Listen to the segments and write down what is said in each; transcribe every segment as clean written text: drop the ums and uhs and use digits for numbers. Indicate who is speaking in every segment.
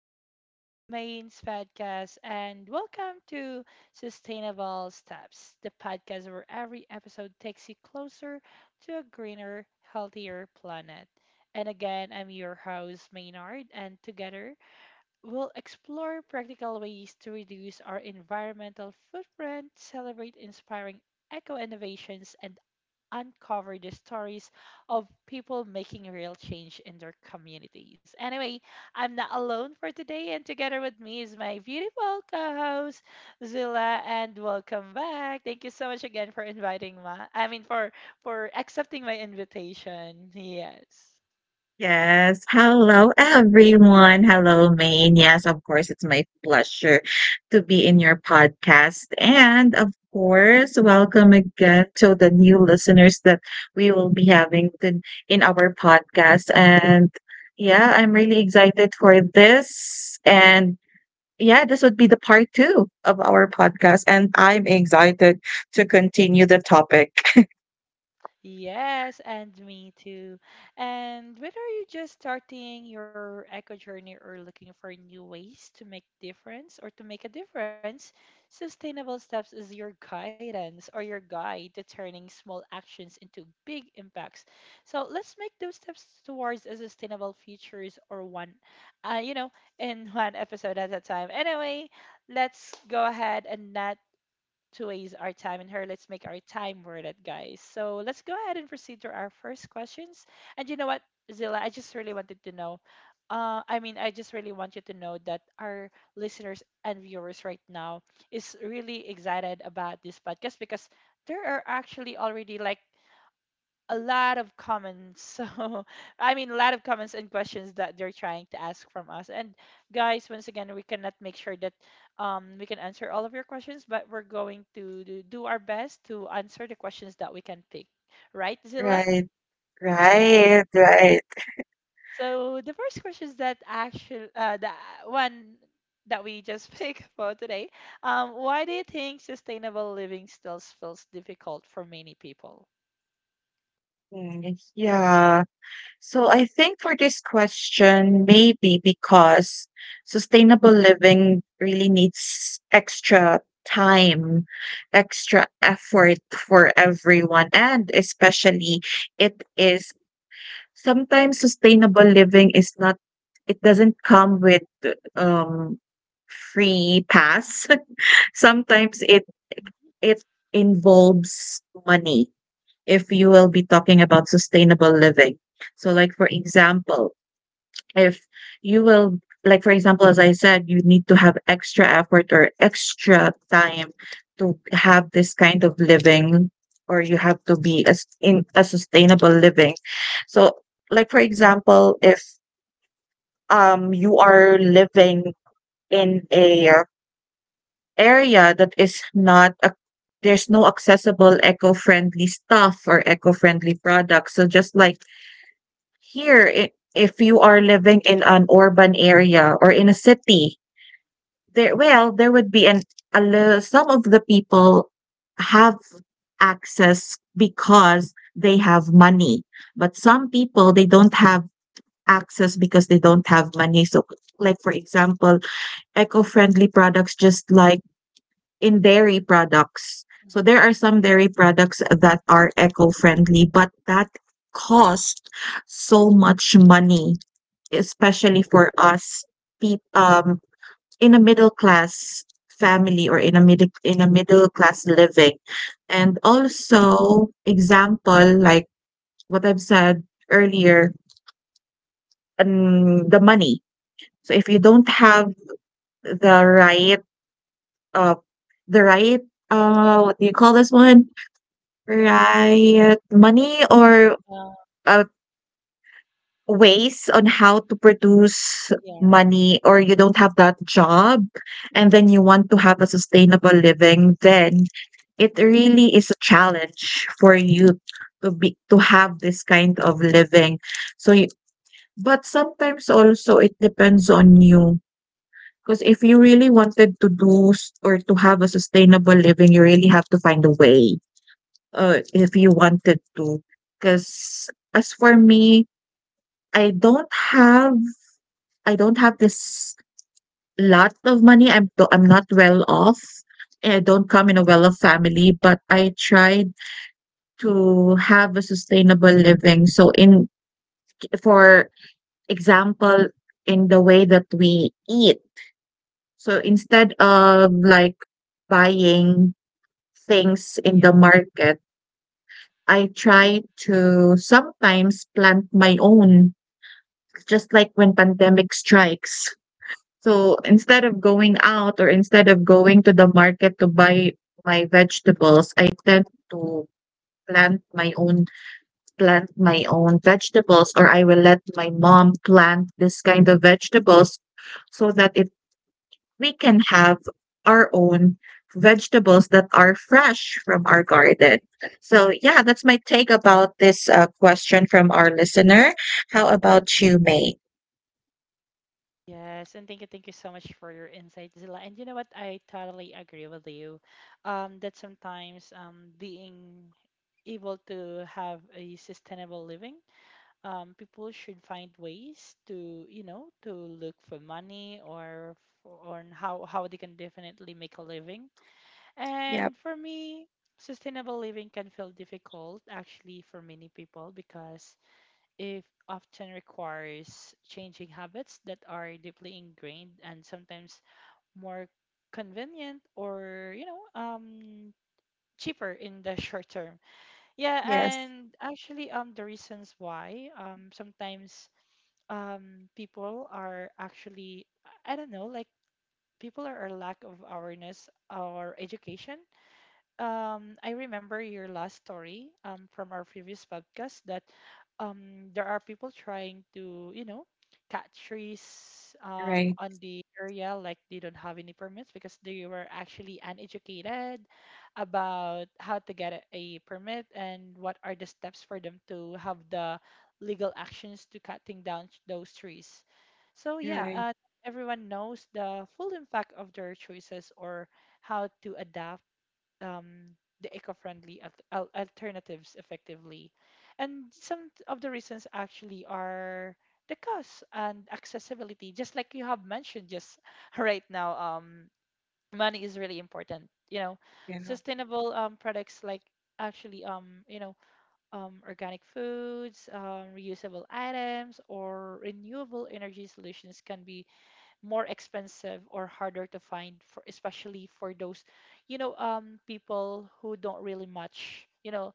Speaker 1: back to Main's podcast, and welcome to Sustainable Steps, the podcast where every episode takes you closer to a greener, healthier planet. And again, I'm your host, Maynard, and together we'll explore practical ways to reduce our environmental footprint, celebrate inspiring eco innovations, and uncover the stories of people making real change in their communities. Anyway, I'm not alone for today, and together with me is my beautiful co host, Zilla, and welcome back. Thank you so much again for inviting me. I mean, for accepting my invitation. Yes.
Speaker 2: Yes. Hello, everyone. Hello, Maine. Yes, of course, it's my pleasure to be in your podcast. And of course, welcome again to the new listeners that we will be having to, in our podcast. And yeah, I'm really excited for this. And yeah, this would be the part two of our podcast. And I'm excited to continue the topic.
Speaker 1: Yes, and me too. And whether you're just starting your eco journey or looking for new ways to make a difference, Sustainable Steps is your guidance or your guide to turning small actions into big impacts. So let's make those steps towards a sustainable futures or one, uh, you know, in one episode at a time. Anyway, let's go ahead and not to waste our time in her. Let's make our time worth it, guys. So let's go ahead and proceed to our first questions. And you know what, Zilla, I just really wanted to know. I just really want you to know that our listeners and viewers right now is really excited about this podcast because there are actually already like a lot of comments. So, I mean, a lot of comments and questions that they're trying to ask from us. And guys, once again, we cannot make sure that we can answer all of your questions, but we're going to do our best to answer the questions that we can pick. Right, Zilla?
Speaker 2: Right,
Speaker 1: Yeah.
Speaker 2: right, right.
Speaker 1: So the first question is that actually the one that we just picked for today. Why do you think sustainable living still feels difficult for many people?
Speaker 2: Yes, yeah. So I think for this question, maybe because sustainable living really needs extra time, extra effort for everyone, and especially it is sometimes sustainable living is not, it doesn't come with um free pass. Sometimes it
Speaker 1: Mhm.
Speaker 2: it involves money if you will be talking about sustainable living. So like for example, if you will like for example, as I said, you need to have extra effort or extra time to have this kind of living or you have to be as in a sustainable living. So like for example, if you are living in a area that is not ac there's no accessible eco-friendly stuff or eco-friendly products. So just like here, if you are living in an urban area or in a city, there well, there would be some of the people have access because they have money, but some people they don't have access because they don't have money. So like for example, eco-friendly
Speaker 1: Mhm.
Speaker 2: products just like in dairy products. So there are some dairy products that are eco-friendly, but that cost so much money, especially for us, peop in a middle class family or in a middle class living. And also, example like what I've said earlier, the money. So if you don't have the right, uh, the right, what do you call this one? Right.
Speaker 1: Uh,
Speaker 2: Money or, uh, ways on how to
Speaker 1: yeah.
Speaker 2: produce money, or you don't have that job and then you want to have a sustainable living, then it really is a challenge for you to have this kind of living. So you but sometimes also it depends on you. Because if you really wanted to or to have a sustainable living, you really have to find a way. If you wanted to. Because as for me, I don't have I don't have this lot of money. I'm not well off. I don't come in a well-off family, but I tried to have a sustainable living. So in for example, in the way that we eat. So instead
Speaker 1: Mhm.
Speaker 2: of like buying things in the market, I try to sometimes plant my own, just like when pandemic strikes. So instead of going out or instead of going to the market to buy my vegetables, I tend to plant my own plant my own vegetables, or I will let my mom plant this kind of vegetables so that it we can have our own vegetables that are fresh from our garden. So yeah, that's my take about this question from our listener. How about you, May?
Speaker 1: Yes, and thank you so much for your insight, Zilla. And you know what? I totally agree with you. That sometimes being able to have a sustainable living, people should find ways to, you know, to look for money or for, on how they can definitely make a living.
Speaker 2: Yep.
Speaker 1: And for me, sustainable living can feel difficult actually for many people because if often requires changing habits that are deeply ingrained and sometimes more convenient or cheaper in the short term. Yeah,
Speaker 2: Yes.
Speaker 1: and actually the reasons why sometimes people are actually, I don't know, like people are lack of awareness or education. I remember your last story from our previous podcast that there are people trying to, you know, cut trees
Speaker 2: Right.
Speaker 1: on the area like they don't have any permits because they were actually uneducated about how to get a permit and what are the steps for them to have the legal actions to cutting down those trees. So yeah,
Speaker 2: Right.
Speaker 1: everyone knows the full impact of their choices or how to adapt the eco-friendly alternatives effectively. And some of the reasons actually are the cost and accessibility, just like you have mentioned just right now. Money is really important. You know,
Speaker 2: Yeah.
Speaker 1: sustainable products like actually organic foods, reusable items or renewable energy solutions can be more expensive or harder to find for, especially for those people who don't really much,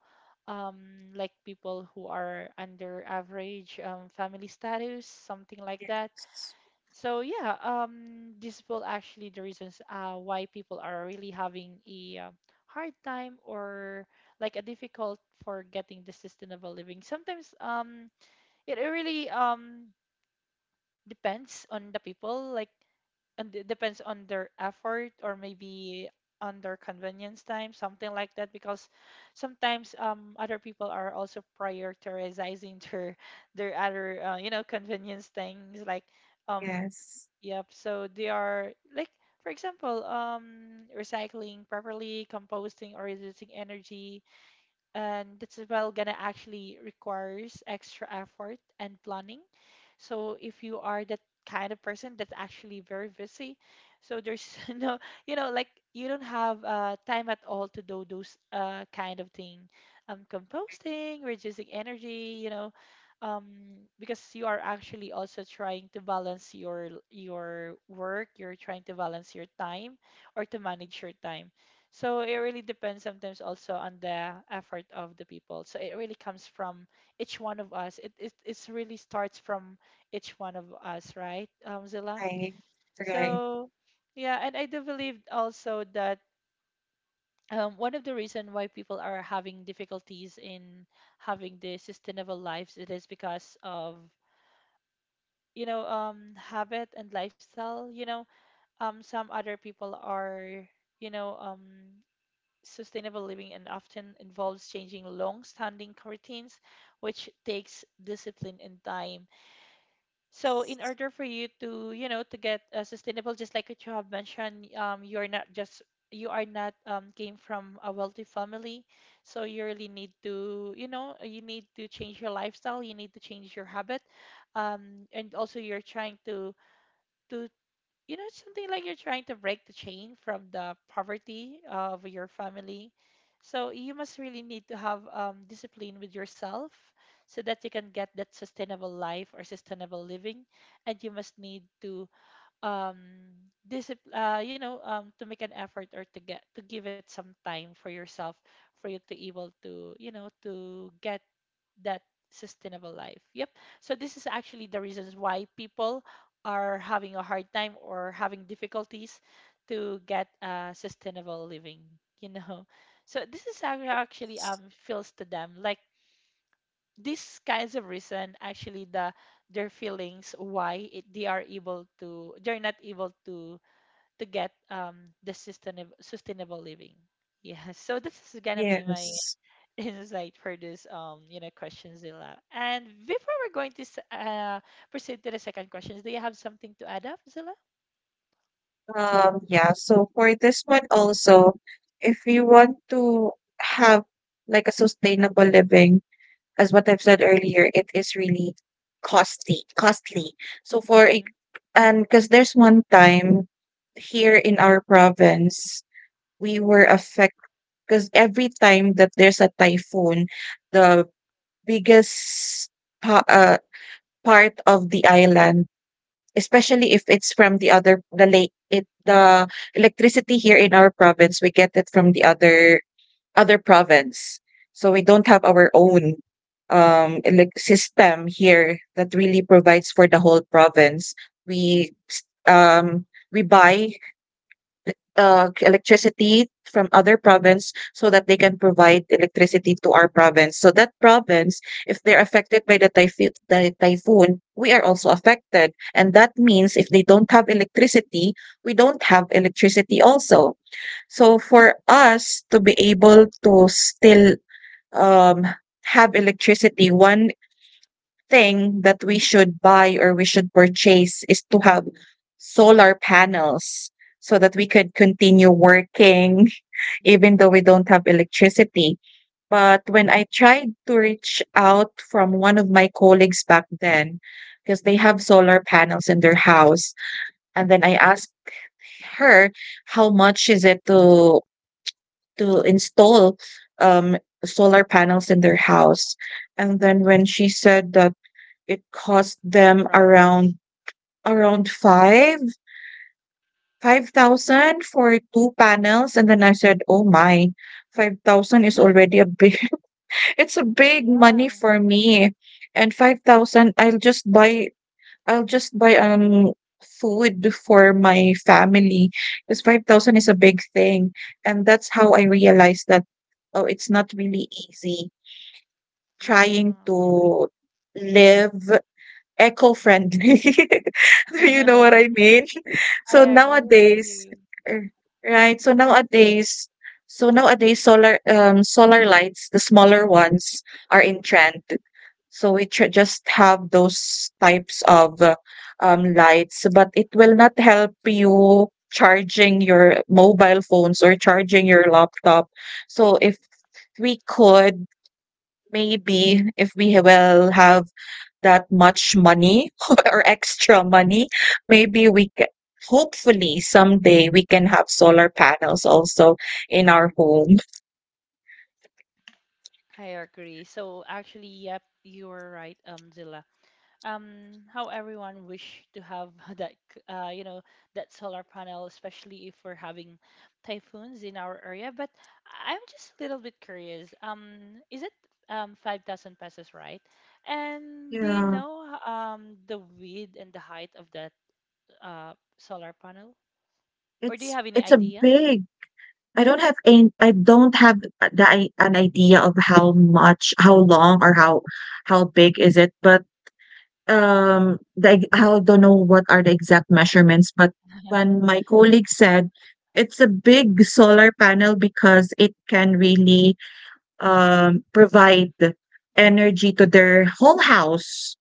Speaker 1: um like people who are under average family status, something like that. So yeah, this will actually the reasons why people are really having a hard time or like a difficult for getting the sustainable living sometimes. It really depends on the people like, and it depends on their effort or maybe on their convenience time, something like that. Because sometimes other people are also prioritizing their other you know, convenience things like um
Speaker 2: Yes.
Speaker 1: yep. So they are like, for example, recycling properly, composting or reducing energy, and that's as well gonna actually requires extra effort and planning. So if you are that kind of person that's actually very busy, so there's no, you know, like you don't have time at all to do those kind of thing, composting, reducing energy, you know, um, because you are actually also trying to balance your work, you're trying to balance your time or to manage your time. So it really depends sometimes also on the effort of the people. So it really comes from each one of us. It's really starts from each one of us, right, Zilla?
Speaker 2: Right. Right.
Speaker 1: So, yeah, and I do believe also that one of the reason why people are having difficulties in having the sustainable lives it is because of habit and lifestyle. You know, some other people are you know um sustainable living and often involves changing long-standing routines, which takes discipline and time. So in order for you to, you know, to get sustainable, just like what you have mentioned, you are not came from a wealthy family, so you really need to, you know, you need to change your lifestyle, you need to change your habit, and also you're trying to to you know, it's something like you're trying to break the chain from the poverty of your family. So you must really need to have discipline with yourself so that you can get that sustainable life or sustainable living. And you must need to um, discipline, you know, to make an effort or to get to give it some time for yourself for you to able to, you know, to get that sustainable life. Yep. So this is actually the reasons why people are having a hard time or having difficulties to get a sustainable living, you know. So this is how it actually feels to them. Like these kinds of reason actually the their feelings why they are able to they're not able to get the sustainable living. Yeah. So this is gonna be my
Speaker 2: Yes.
Speaker 1: insight for this you know questions, Zilla. And before we're going to proceed to the second questions, do you have something to add up, Zilla?
Speaker 2: Yeah. So for this one also, if you want to have like a sustainable living, as what I've said earlier, it is really costly, costly. So
Speaker 1: Mm-hmm.
Speaker 2: and because there's one time here in our province, we were affected because every time that there's a typhoon, the biggest pa- uh, part of the island, especially if it's from the lake. It The electricity here in our province, we get it from the other province, so we don't have our own elec system here that really provides for the whole province. We um we buy electricity from other province so that they can provide electricity to our province. So that province, if they're affected by the typhoon, we are also affected. And that means if they don't have electricity, we don't have electricity also. So for us to be able
Speaker 1: Oh,
Speaker 2: to still um, have electricity, one thing that we should buy or we should purchase is to have solar panels so that we could continue
Speaker 1: oh,
Speaker 2: working even though we don't have electricity. But when I tried to reach out from one of my colleagues back then, because they have solar panels in their house, and then I asked her how much is it to install um solar panels in their house. And then when she said that it cost
Speaker 1: the
Speaker 2: them
Speaker 1: price.
Speaker 2: around around five 5,000 for two panels, and then I said, "Oh my, 5,000 is already a big it's a big money
Speaker 1: Yeah,
Speaker 2: for me." And 5,000, I'll just buy food for my family because 5,000 is a big thing. And that's how I realized that oh, it's not really easy trying
Speaker 1: yeah.
Speaker 2: to live eco-friendly. Do you know what I mean?
Speaker 1: I
Speaker 2: So
Speaker 1: agree with
Speaker 2: nowadays
Speaker 1: you.
Speaker 2: er, right, so nowadays solar lights, the smaller ones, are in trend. So we just have those types of lights, but it will not help you charging your mobile phones or charging your laptop. So if we could maybe if we will have that much money or extra money, maybe we can hopefully someday we can have solar panels also in our home.
Speaker 1: I agree. So actually, yep, you are right, Zilla. Um, how everyone wish to have that you know, that solar panel, especially if we're having typhoons in our area. But I'm just a little bit curious, um, is it 5000 pesos, right? And do you
Speaker 2: Yeah,
Speaker 1: know the width and the height of that solar panel, or do you
Speaker 2: it's
Speaker 1: have any
Speaker 2: it's a
Speaker 1: idea?
Speaker 2: big. I don't have an idea of how
Speaker 1: Hmm.
Speaker 2: much, how long, or how big is it. But I don't know what are the exact measurements. But when my colleague said it's a big solar panel because it can really provide energy to their whole house.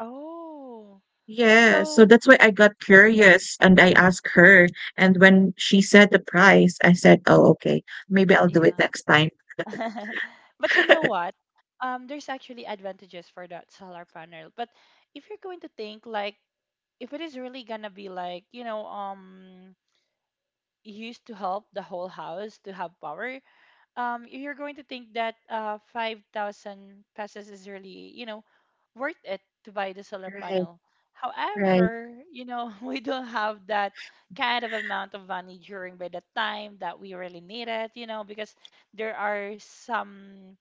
Speaker 1: Oh.
Speaker 2: Yeah, so
Speaker 1: So
Speaker 2: that's why I got curious and I asked her. And when she said the price, I said, "Oh, okay, maybe I'll do it
Speaker 1: yeah.
Speaker 2: next time."
Speaker 1: But you know what? There's actually advantages for that solar panel. But if you're going to think like, if it is really gonna be like, you know, used to help the whole house to have power, you're going to think that 5,000 pesos is really, you know, worth it to buy the solar
Speaker 2: Right,
Speaker 1: panel.
Speaker 2: right.
Speaker 1: However, you know, we don't have that kind of amount of money during by the time that we really need it, you know, because there are some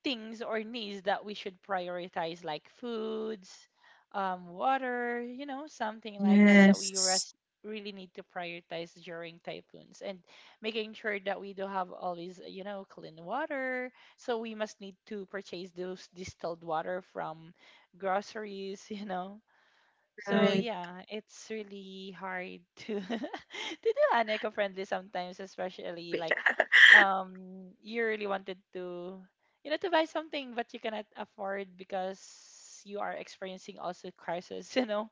Speaker 1: things or needs that we should prioritize, like foods, water, you know, something like that, that
Speaker 2: Yes,
Speaker 1: really need to prioritize during typhoons and making sure that we do have always, you know, clean water. So we must need to purchase those distilled water from groceries, you know, so
Speaker 2: right.
Speaker 1: yeah, it's really hard to to do an eco-friendly sometimes, especially like you really wanted to, you know, to buy something but you cannot afford because you are experiencing also crisis, you know.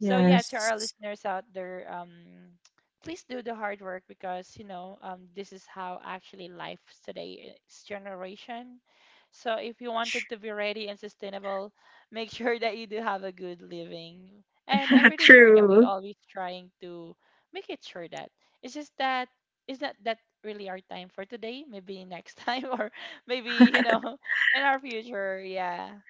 Speaker 1: So yeah, to our listeners out there, please do the hard work because you know this is how actually life's today's generation. So if you wanted to be ready and sustainable, make sure that you do have a good living. And I'm pretty sure that we
Speaker 2: True.
Speaker 1: always trying to make it sure that it's just that is that really our time for today? Maybe next time or maybe you know in our future. Yeah.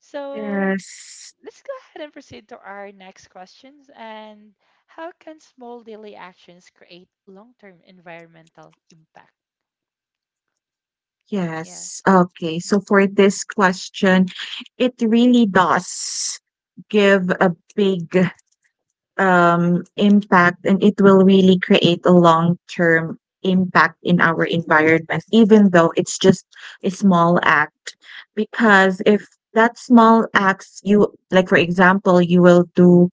Speaker 1: So
Speaker 2: Yes.
Speaker 1: let's go ahead and proceed to our next questions. And how can small daily actions create long term environmental impact?
Speaker 2: Yes.
Speaker 1: Yes.
Speaker 2: Okay.
Speaker 1: Mhm.
Speaker 2: So for this question, it really does give a big impact, and it will really create a long term impact in our environment, even though it's just a small act. Because if that small acts, you like, for example, you will do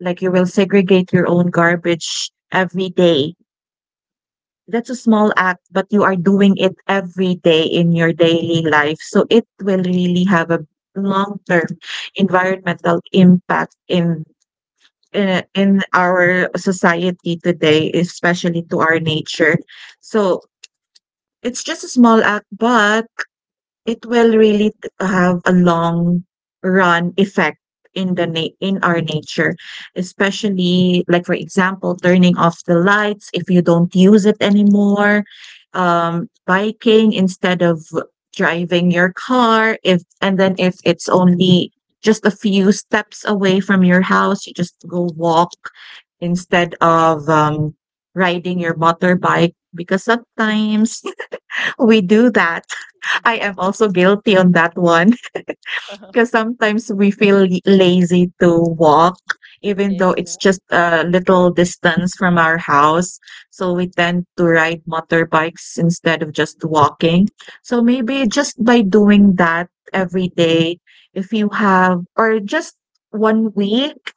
Speaker 2: like you will segregate your own garbage every day. That's a small act, but you are doing it every day in your daily life. So it will really have a long term environmental impact in our society today, especially to our nature. So, it's just a small act, but it will really have a long run effect in our nature, especially like for example, turning off the lights if you don't use it anymore, biking instead of driving your car, if and then
Speaker 1: Mhm.
Speaker 2: if it's only just a few steps away from your house, you just go walk instead of riding your motorbike, because sometimes we do that. I am also guilty on that one. Because sometimes we feel lazy to walk, even though it's
Speaker 1: Exactly.
Speaker 2: just a
Speaker 1: Mhm.
Speaker 2: little distance from our house. So we tend to ride motorbikes instead of just walking. So maybe just by doing that every day, if you have, or just one week,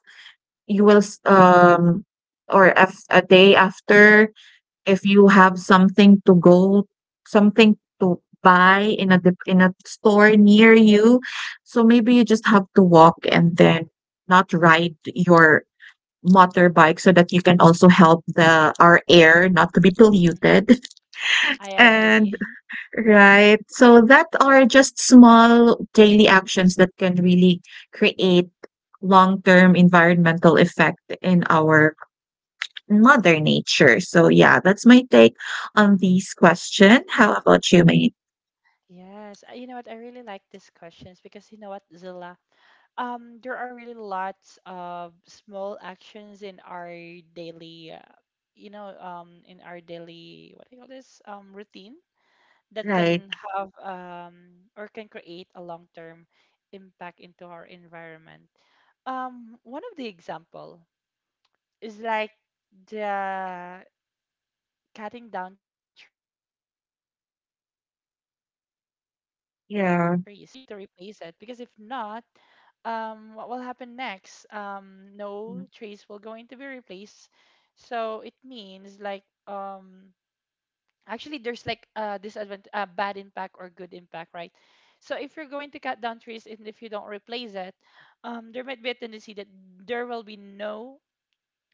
Speaker 2: you will, s- or af- a day after, if you have something to buy in a store near you, so maybe you just have to walk and then not ride your motorbike, so that you can also help the our air not to be polluted.
Speaker 1: I
Speaker 2: And
Speaker 1: agree.
Speaker 2: right, so that are just small daily actions that can really create long-term environmental effect in our Mother Nature. So yeah, that's my take on this question. How about you, mate?
Speaker 1: Yes, you know what? I really like these questions because you know what, Zilla? There are really lots of small actions in our daily, you know, in our daily, what do you call this? Routine that
Speaker 2: Right.
Speaker 1: can have or can create a long-term impact into our environment. One of the example is like the cutting down trees. Because if you're going to cut down trees,
Speaker 2: Yeah.
Speaker 1: you should need to replace it. Because if not, what will happen next?
Speaker 2: Mm,
Speaker 1: No trees will going to be replaced. So it means like actually there's like a disadvantage, a bad impact or good impact, right? So if you're going to cut down trees and if you don't replace it, there might be a tendency that there will be no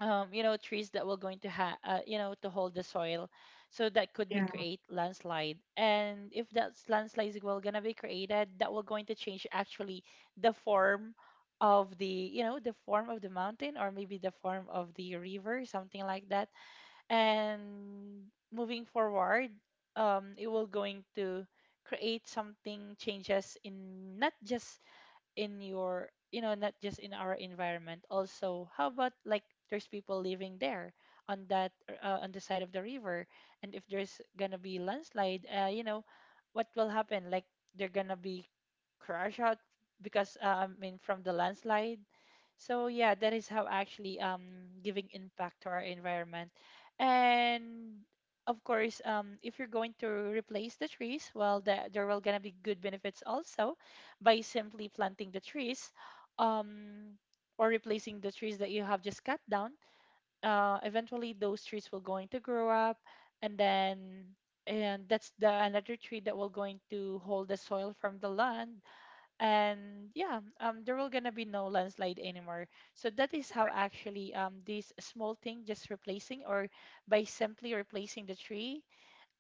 Speaker 1: you know, trees that will going to have you know, to hold the soil. So that could be
Speaker 2: yeah.
Speaker 1: create landslide, and if that landslide is well gonna be created, that will going to change actually the form of the, you know, the form of the mountain, or maybe the form of the river, something like that. And moving forward, it will going to create something changes in, not just in your, you know, not just in our environment. Also, how about like there's people living there, on that, on the side of the river? And if there's gonna be landslide, you know, what will happen, like they're gonna be crash out, because I mean, from the landslide. So yeah, that is how actually giving impact to our environment. And of course, if you're going to replace the trees, well, there will gonna be good benefits also, by simply planting the trees, um, or replacing the trees that you have just cut down. Eventually, those trees will going to grow up, and then and that's the another tree that will going to hold the soil from the land. And yeah, there will gonna be no landslide anymore. So that is how actually this small thing, just replacing, or by simply replacing the tree,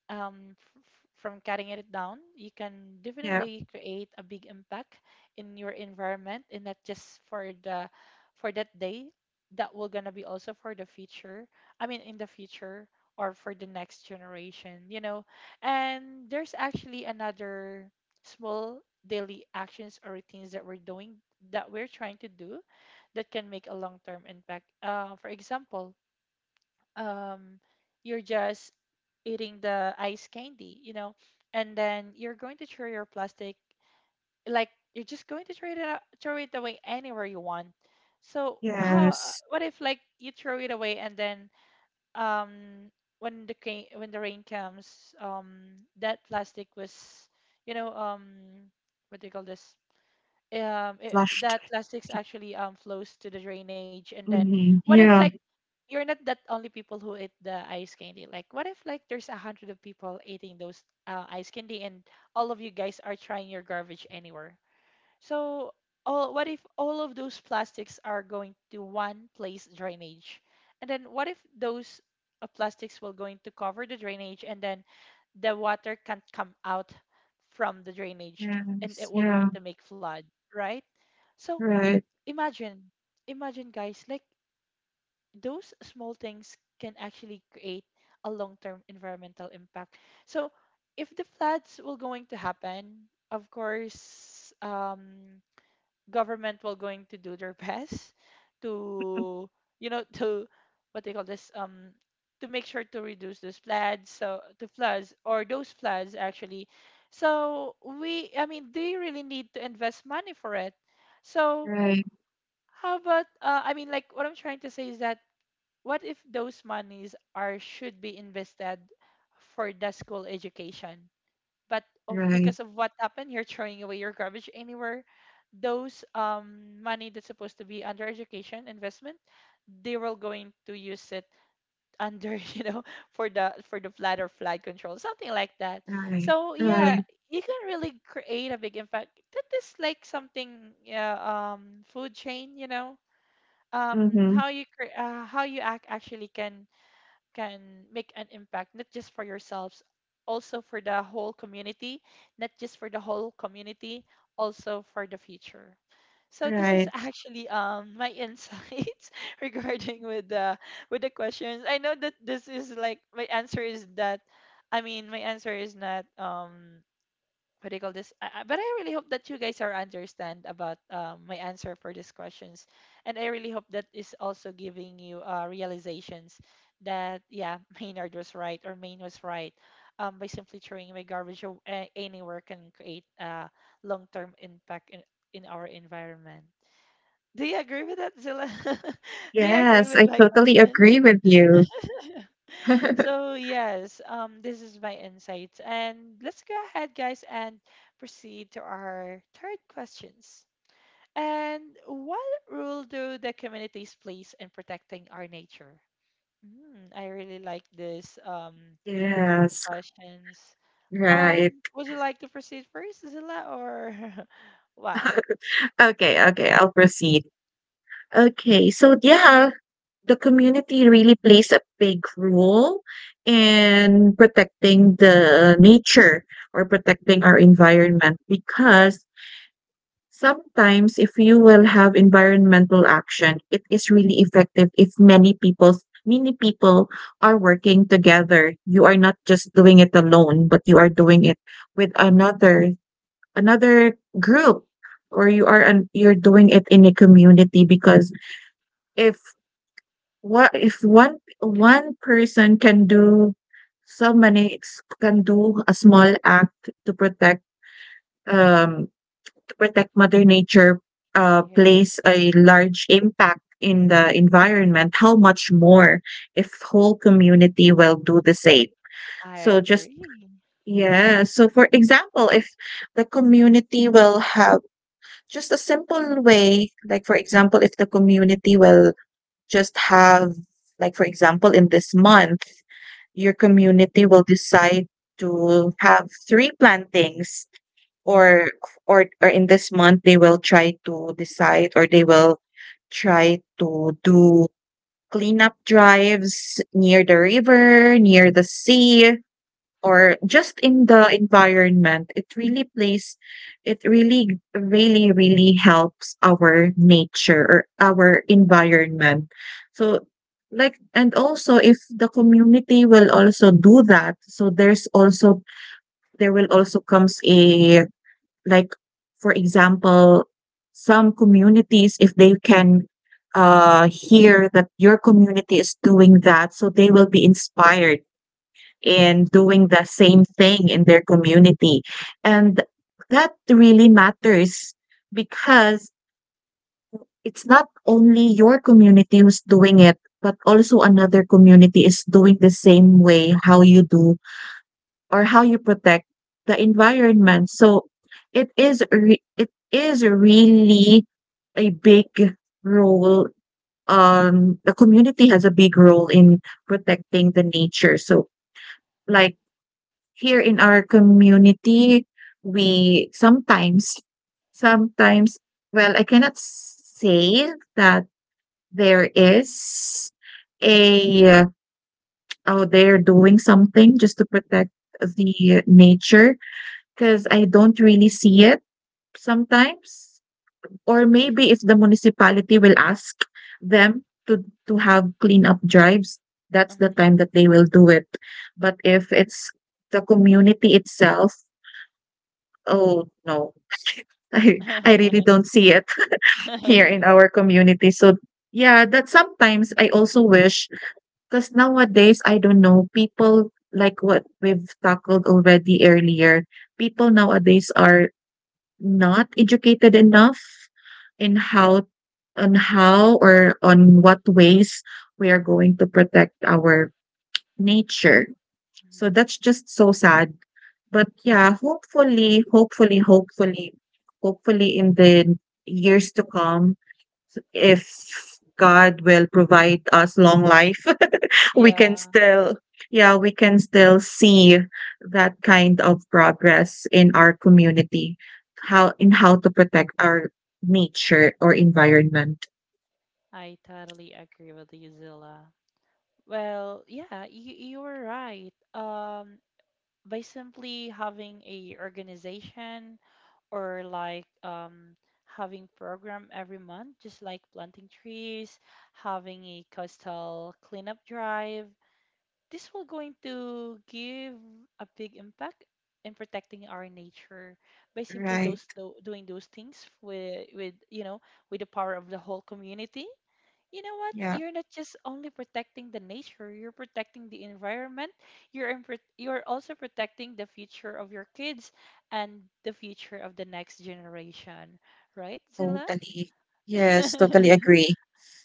Speaker 1: from cutting it down, you can
Speaker 2: Yeah.
Speaker 1: definitely create a big impact in your environment. And not just for the for that day. That will gonna be also for the future. I mean, in the future or for the next generation, you know. And there's actually another small daily actions or routines that we're doing, that we're trying to do, that can make a long-term impact. For example, um, you're just eating the ice candy, you know, and then you're going to throw your plastic, like you're just going to throw it out, throw it away anywhere you want. So how?
Speaker 2: Yes.
Speaker 1: What if like you throw it away, and then um when the when the rain comes, that plastic was, you know, what do you call this, it,
Speaker 2: Flushed.
Speaker 1: that plastics actually flows to the drainage. And then
Speaker 2: Hmm.
Speaker 1: what if like
Speaker 2: Yeah.
Speaker 1: you're not that only people who eat the ice candy. Like, what if like there's a hundred of people eating those ice candy, and all of you guys are trying your garbage anywhere? So, all what if all of those plastics are going to one place drainage, and then what if those plastics will going to cover the drainage, and then the water can't come out from the drainage, and it
Speaker 2: Yes.
Speaker 1: will going
Speaker 2: Yeah.
Speaker 1: to make flood, right? So
Speaker 2: Right.
Speaker 1: imagine, imagine guys, like those small things can actually create a long-term environmental impact. So if the floods will going to happen, of course, government will going to do their best to, you know, to what they call this, to make sure to reduce those floods, so to floods or those floods actually. So I mean, they really need to invest money for it. So
Speaker 2: Right.
Speaker 1: how about, I mean, like what I'm trying to say is that, what if those monies are should be invested for the school education, but of
Speaker 2: Right.
Speaker 1: because of what happened, you're throwing away your garbage anywhere. Those money that's supposed to be under education investment, they were going to use it under you know, for the flood or flood control, something like that.
Speaker 2: Right.
Speaker 1: So yeah,
Speaker 2: Right.
Speaker 1: you can really create a big impact. That is like something, yeah, food chain, you know,
Speaker 2: Mm-hmm.
Speaker 1: how you how you act actually can make an impact, not just for yourselves, also for the whole community. Not just for the whole community, also for the future. So this is
Speaker 2: Right.
Speaker 1: actually my insights regarding with the questions. I know that this is like my answer is that, I mean, my answer is not what do you call this? But I really hope that you guys are understand about my answer for these questions, and I really hope that is also giving you realizations that, yeah, Maynard was right, or Maine was right. By simply throwing away garbage, anywhere can create a long-term impact in our environment. Do you agree with that, Zilla? Do you agree
Speaker 2: Yes,
Speaker 1: with
Speaker 2: I
Speaker 1: my
Speaker 2: totally
Speaker 1: questions?
Speaker 2: agree with you.
Speaker 1: So yes, this is my insights, and let's go ahead, guys, and proceed to our third questions. And what role do the communities plays in protecting our nature? Mm, I really like this
Speaker 2: Yes.
Speaker 1: questions.
Speaker 2: Right.
Speaker 1: Would you like to proceed first, Zilla, or what?
Speaker 2: Okay. Okay, I'll proceed. Okay. So yeah, the community really plays a big role in protecting the nature or protecting our environment, because sometimes if you will have environmental action, it is really effective if many people are working together. You are not just doing it alone, but you are doing it with another group, or
Speaker 1: Mhm.
Speaker 2: you're doing it in a community. Because if what if one person can do can do a small act to protect, um to protect mother nature,
Speaker 1: Yeah,
Speaker 2: plays a large impact in the environment, how much more if whole community will do the same.
Speaker 1: I
Speaker 2: So just
Speaker 1: agree.
Speaker 2: yeah, so for example, if the community will have just a simple way, like for example if the community will just have like for example in this month your community will decide to have three plantings, or or in this month they will try to do cleanup drives near the river, near the sea, or just in the environment, it really plays, it really, really, really helps our nature or our environment. So, like, and also if the community will also do that, so there's also, there will also comes like, for example, some communities, if they can hear that your community is doing that, so they will be inspired in doing the same thing in their community. And that really matters because it's not only your community who's doing it, but also another community is doing the same way how you do or how you protect the environment. So it is really a big role. The community has a big role in protecting the nature. So like here in our community, we
Speaker 1: Mhm,
Speaker 2: sometimes sometimes well, I cannot say that there is a uh, oh, they're doing something just to protect the nature, because I don't really see it sometimes, or maybe if the municipality will ask them to have cleanup drives, that's the time that they will do it. But if it's the community itself. Oh, no. I really
Speaker 1: mhm.
Speaker 2: don't see it here in our community. So, yeah, that sometimes I also wish because nowadays, I don't know, people like what we've tackled already earlier, people nowadays are not educated enough in how, on how or on what ways we are going to protect our nature. So
Speaker 1: Mhm.
Speaker 2: that's just so sad, but yeah,
Speaker 1: Yeah,
Speaker 2: hopefully, hopefully in the years to come, if God will provide us long life, we can
Speaker 1: yeah.
Speaker 2: still, yeah, we can still see that kind of progress in our community, how in how to protect our nature or environment.
Speaker 1: I totally agree with you, Zilla. Well, yeah, you were right. By simply having a organization, or like having program every month, just like planting trees, having a coastal cleanup drive, this will going to give a big impact in protecting our nature, by simply
Speaker 2: Right.
Speaker 1: doing those things with you know, with the power of the whole community. You know what?
Speaker 2: Yeah,
Speaker 1: You're not just only protecting the nature, you're protecting the environment. You're also protecting the future of your kids, and the future of the next generation, right, Zilla?
Speaker 2: totally. Yes, totally agree.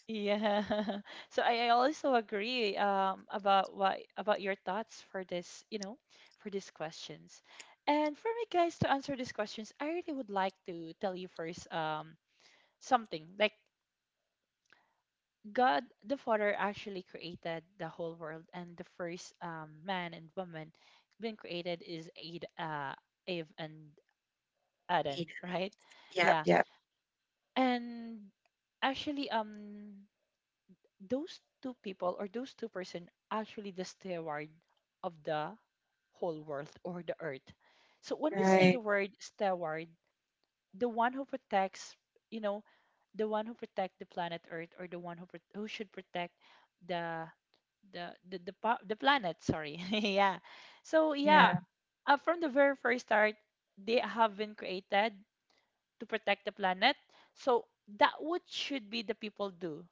Speaker 1: Yeah. So I also agree about what about your thoughts for this, you know, for these questions. And for me, guys, to answer these questions, I really would like to tell you first, something like, God the Father actually created the whole world, and the first man and woman being created is Eve and Adam, right?
Speaker 2: Yeah,
Speaker 1: Yeah,
Speaker 2: yeah.
Speaker 1: and actually, those two people, or those two-person actually the steward of the whole world, or the earth. So when we say the
Speaker 2: Right.
Speaker 1: word steward, the one who protects, you know, the one who protect the planet Earth, or the one who who should protect the the planet, sorry. Yeah, so yeah,
Speaker 2: Yeah,
Speaker 1: from the very first start they have been created to protect the planet. So that what should be the people do.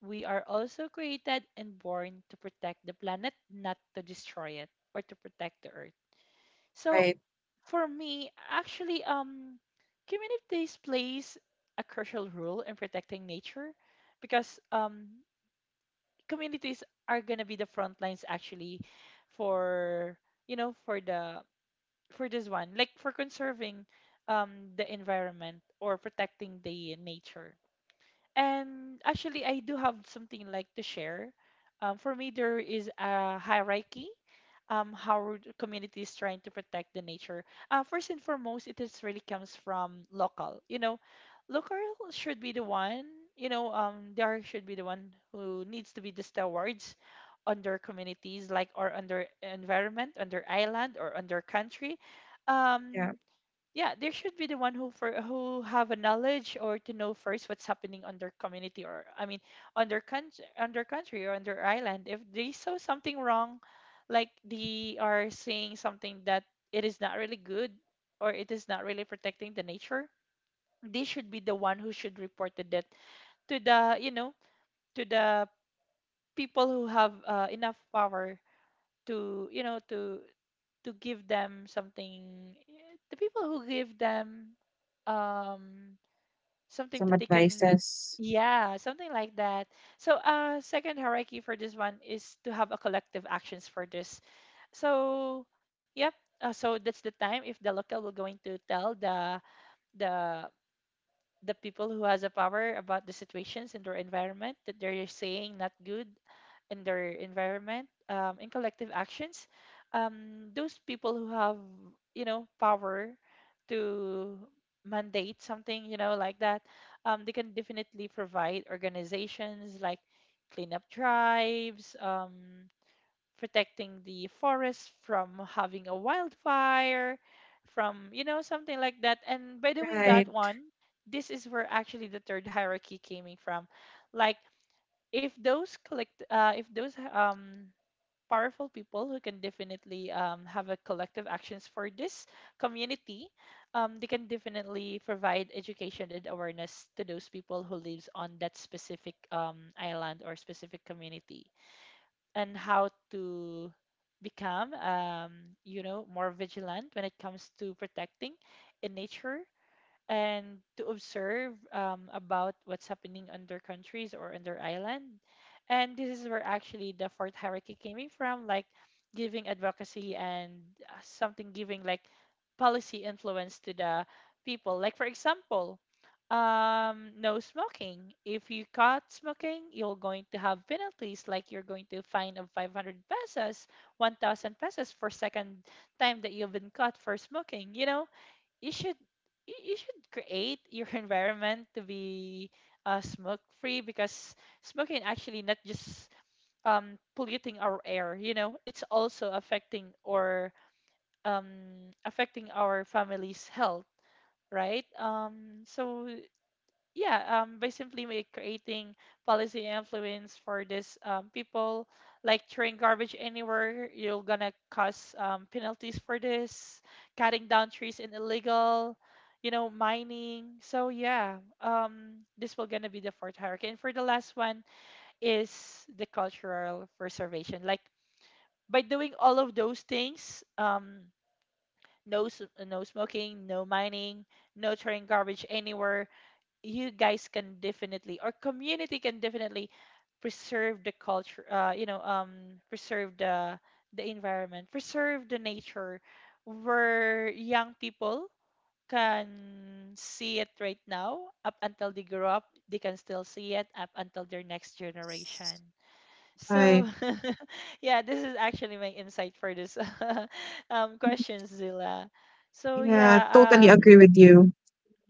Speaker 1: We are also created and born to protect the planet, not to destroy it, or to protect the earth. So
Speaker 2: right.
Speaker 1: for me, actually, communities plays a crucial role in protecting nature. Because communities are gonna be the front lines actually for, you know, for the for this one, like for conserving the environment or protecting the nature. And actually, I do have something like to share. Um, for me, there is a hierarchy, how our community is trying to protect the nature. First and foremost, it is really comes from local. You know, local should be the one. You know, they should be the one who needs to be the stewards on their communities, like, or on their environment, on their island, or on their country.
Speaker 2: Yeah.
Speaker 1: Um, yeah, there should be the one who for who have a knowledge, or to know first what's happening on their community, or I mean on their country, on their country or on their island. If they saw something wrong, like they are seeing something that it is not really good, or it is not really protecting the nature, they should be the one who should report the debt to the, you know, to the people who have enough power to, you know, to give them something, the people who give them um something
Speaker 2: Some
Speaker 1: that they can,
Speaker 2: advices.
Speaker 1: yeah, something like that. So second hierarchy for this one is to have a collective actions for this. So yep, so that's the time, if the local will going to tell the the people who has a power about the situations in their environment that they're saying not good in their environment, in collective actions, those people who have, you know, power to mandate something, you know, like that, they can definitely provide organizations like cleanup drives, protecting the forest from having a wildfire, from, you know, something like that. And by doing that
Speaker 2: Right.
Speaker 1: one, this is where actually the third hierarchy came in from. Like, if those powerful people who can definitely have a collective actions for this community they can definitely provide education and awareness to those people who lives on that specific island or specific community and how to become more vigilant when it comes to protecting in nature and to observe about what's happening on their countries or on their island. And this is where actually the fourth hierarchy came in from, like giving advocacy and something giving like policy influence to the people. Like for example, no smoking. If you caught smoking, you're going to have penalties, like you're going to fine of 500 pesos, 1,000 pesos for second time that you've been caught for smoking. You should you should create your environment to be smoke free, because smoking actually not just polluting our air, it's also affecting or affecting our family's health, right? By simply creating policy influence for these people, like throwing garbage anywhere, you're gonna cause penalties for this, cutting down trees in illegal, mining. This will gonna be the fourth hierarchy. And for the last one is the cultural preservation. Like, by doing all of those things, no s- no smoking, no mining, no throwing garbage anywhere, you guys can definitely, or community can definitely, preserve the culture, preserve the environment, preserve the nature, where young people can see it right now up until they grow up. They can still see it up until their next generation. So
Speaker 2: Right.
Speaker 1: yeah, this is actually my insight for this questions, Zilla. so
Speaker 2: Yeah, totally
Speaker 1: yeah
Speaker 2: agree
Speaker 1: um
Speaker 2: with you.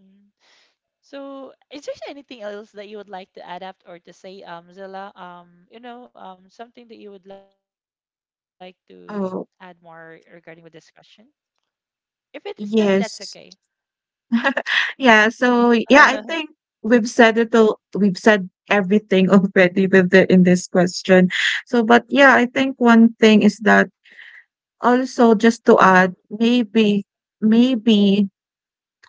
Speaker 1: mm. So, is there anything else that you would like to add up or to say, Zilla? Something that you would like to add more regarding
Speaker 2: Oh,
Speaker 1: with this question? If it is not, that's okay.
Speaker 2: yes. Yeah, so yeah, I think we've said it all, we've said everything already with the in this question. So, but yeah, I think one thing is that also just to add, maybe,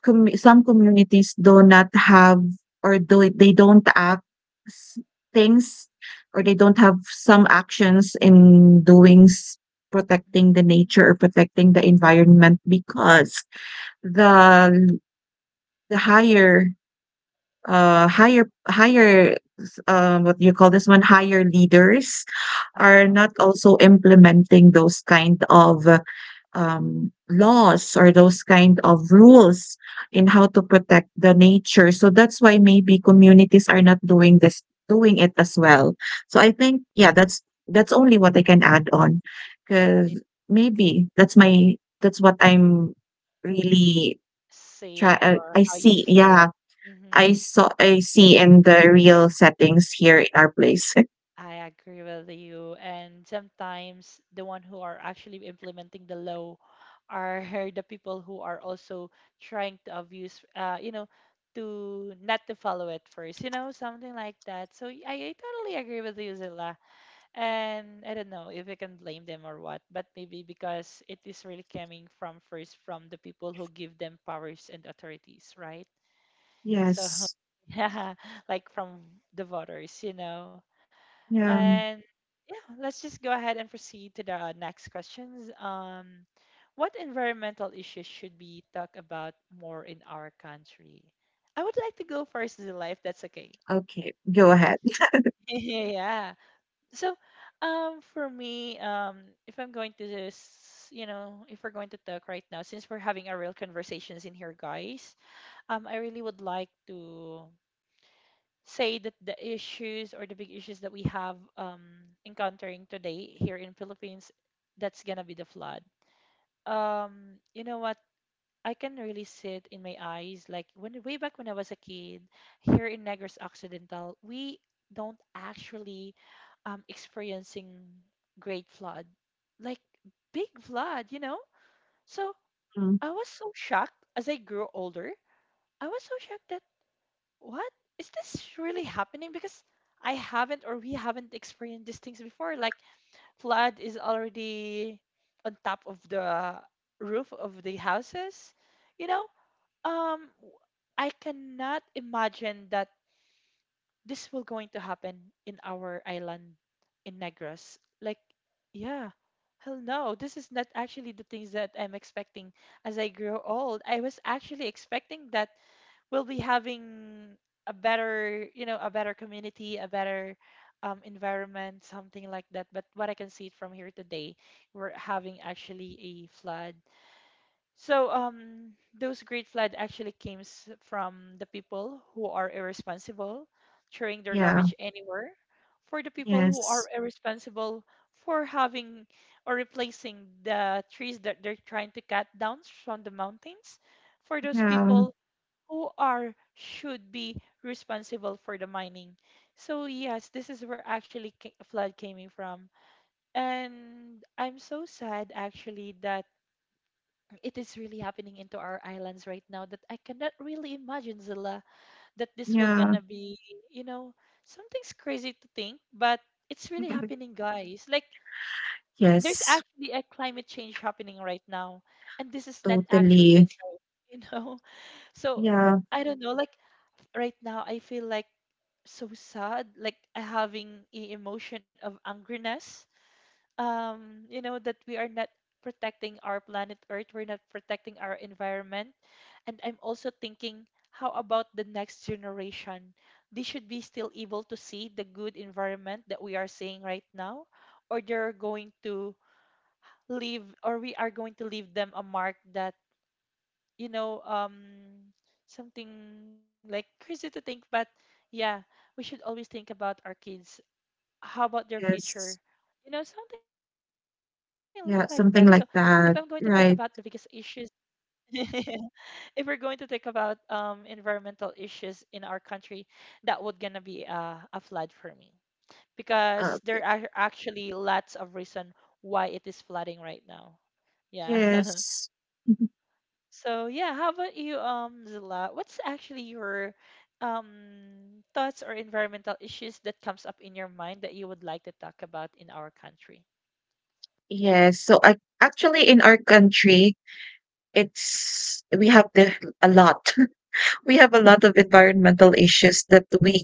Speaker 2: some communities do not have or do they don't act s- things or they don't have some actions in protecting the
Speaker 1: Mm.
Speaker 2: nature or protecting the environment because the the higher higher, um, what do you call this one, higher leaders are
Speaker 1: Uh-huh.
Speaker 2: not also implementing those kind of laws or those kind of rules in how to protect the nature. So that's why maybe communities are not doing this doing it as well. So I think yeah, that's only what I can add on
Speaker 1: Yeah.
Speaker 2: because maybe that's my that's what I'm really try.
Speaker 1: Saying or
Speaker 2: I
Speaker 1: how you
Speaker 2: see.
Speaker 1: saw
Speaker 2: Yeah,
Speaker 1: it.
Speaker 2: I
Speaker 1: Mm-hmm.
Speaker 2: saw. I see in the real settings here in our place.
Speaker 1: I agree with you. And sometimes the one who are actually implementing the law are the people who are also trying to abuse, to not to follow it first, something like that. So I totally agree with you, Zilla. And I don't know if we can blame them or what, but maybe because it is really coming from first from the people who give them powers and authorities, right? So
Speaker 2: Yes.
Speaker 1: yeah, like from the voters,
Speaker 2: Yeah.
Speaker 1: And yeah, let's just go ahead and proceed to the next questions. What environmental issues should we talk about more in our country? I would like to go first, Zila, if that's okay.
Speaker 2: Okay. Go ahead.
Speaker 1: Yeah. So, um, for me, um, if I'm going to just, if we're going to talk right now, since we're having a real conversations in here, guys, I really would like to say that the issues or the big issues that we have encountering today here in Philippines, that's gonna be the flood. You know what? I can really see it in my eyes. Like when way back when I was a kid, here in Negros Occidental, we don't actually experiencing great flood, like big flood, you know. So
Speaker 2: Mm.
Speaker 1: I was so shocked as I grew older. I was so shocked that, what, is this really happening? Because I haven't, or we haven't experienced these things before. Like, flood is already on top of the roof of the houses. You know, um, w- I cannot imagine that this will going to happen in our island in Negros. Like, yeah, hell no. This is not actually the things that I'm expecting as I grow old. I was actually expecting that we'll be having a better, a better community, a better environment, something like that. But what I can see from here today, we're having actually a flood. so um those great flood actually from the people who are irresponsible, throwing their
Speaker 2: Yeah.
Speaker 1: garbage anywhere, for the people who
Speaker 2: Yes.
Speaker 1: are irresponsible for having or replacing the trees that they're trying to cut down from the mountains, for those
Speaker 2: Yeah.
Speaker 1: people who are should be responsible for the mining. So yes, this is where flood came in from. And I'm so sad actually that it is really happening into our islands right now, that I cannot really imagine, Zilla, that this will
Speaker 2: Yeah.
Speaker 1: gonna be, you know, something's crazy to think, but it's really happening, guys. Like, there's
Speaker 2: Yes,
Speaker 1: actually a climate change happening right now, and this is not actually
Speaker 2: totally.
Speaker 1: a joke, you know. So,
Speaker 2: Yeah,
Speaker 1: I don't know, like, right now I feel like so sad, like having a emotion of angriness. You know that we are not protecting our planet Earth, we're not protecting our environment. And I'm also thinking, how about the next generation? They should be still able to see the good environment that we are seeing right now, or they're going to leave, or we are going to leave them a mark that, you know, um, something like crazy to think, but yeah, we should always think about our kids. How about their future?
Speaker 2: yes.
Speaker 1: You know, something like that. So, if I'm going to talk
Speaker 2: Yeah,
Speaker 1: about the
Speaker 2: something like
Speaker 1: biggest issues,
Speaker 2: that, right.
Speaker 1: if we're going to talk about environmental issues in our country, that would gonna be a flood for me, because there
Speaker 2: Uh,
Speaker 1: are actually lots of reason why it is flooding right now. Yeah.
Speaker 2: yes.
Speaker 1: So yeah, how about you, Zila? What's actually your um thoughts or environmental issues that comes up in your mind that you would like to talk about in our country?
Speaker 2: Yes, so I actually, in our country, it's we have the a lot. We have a lot of environmental issues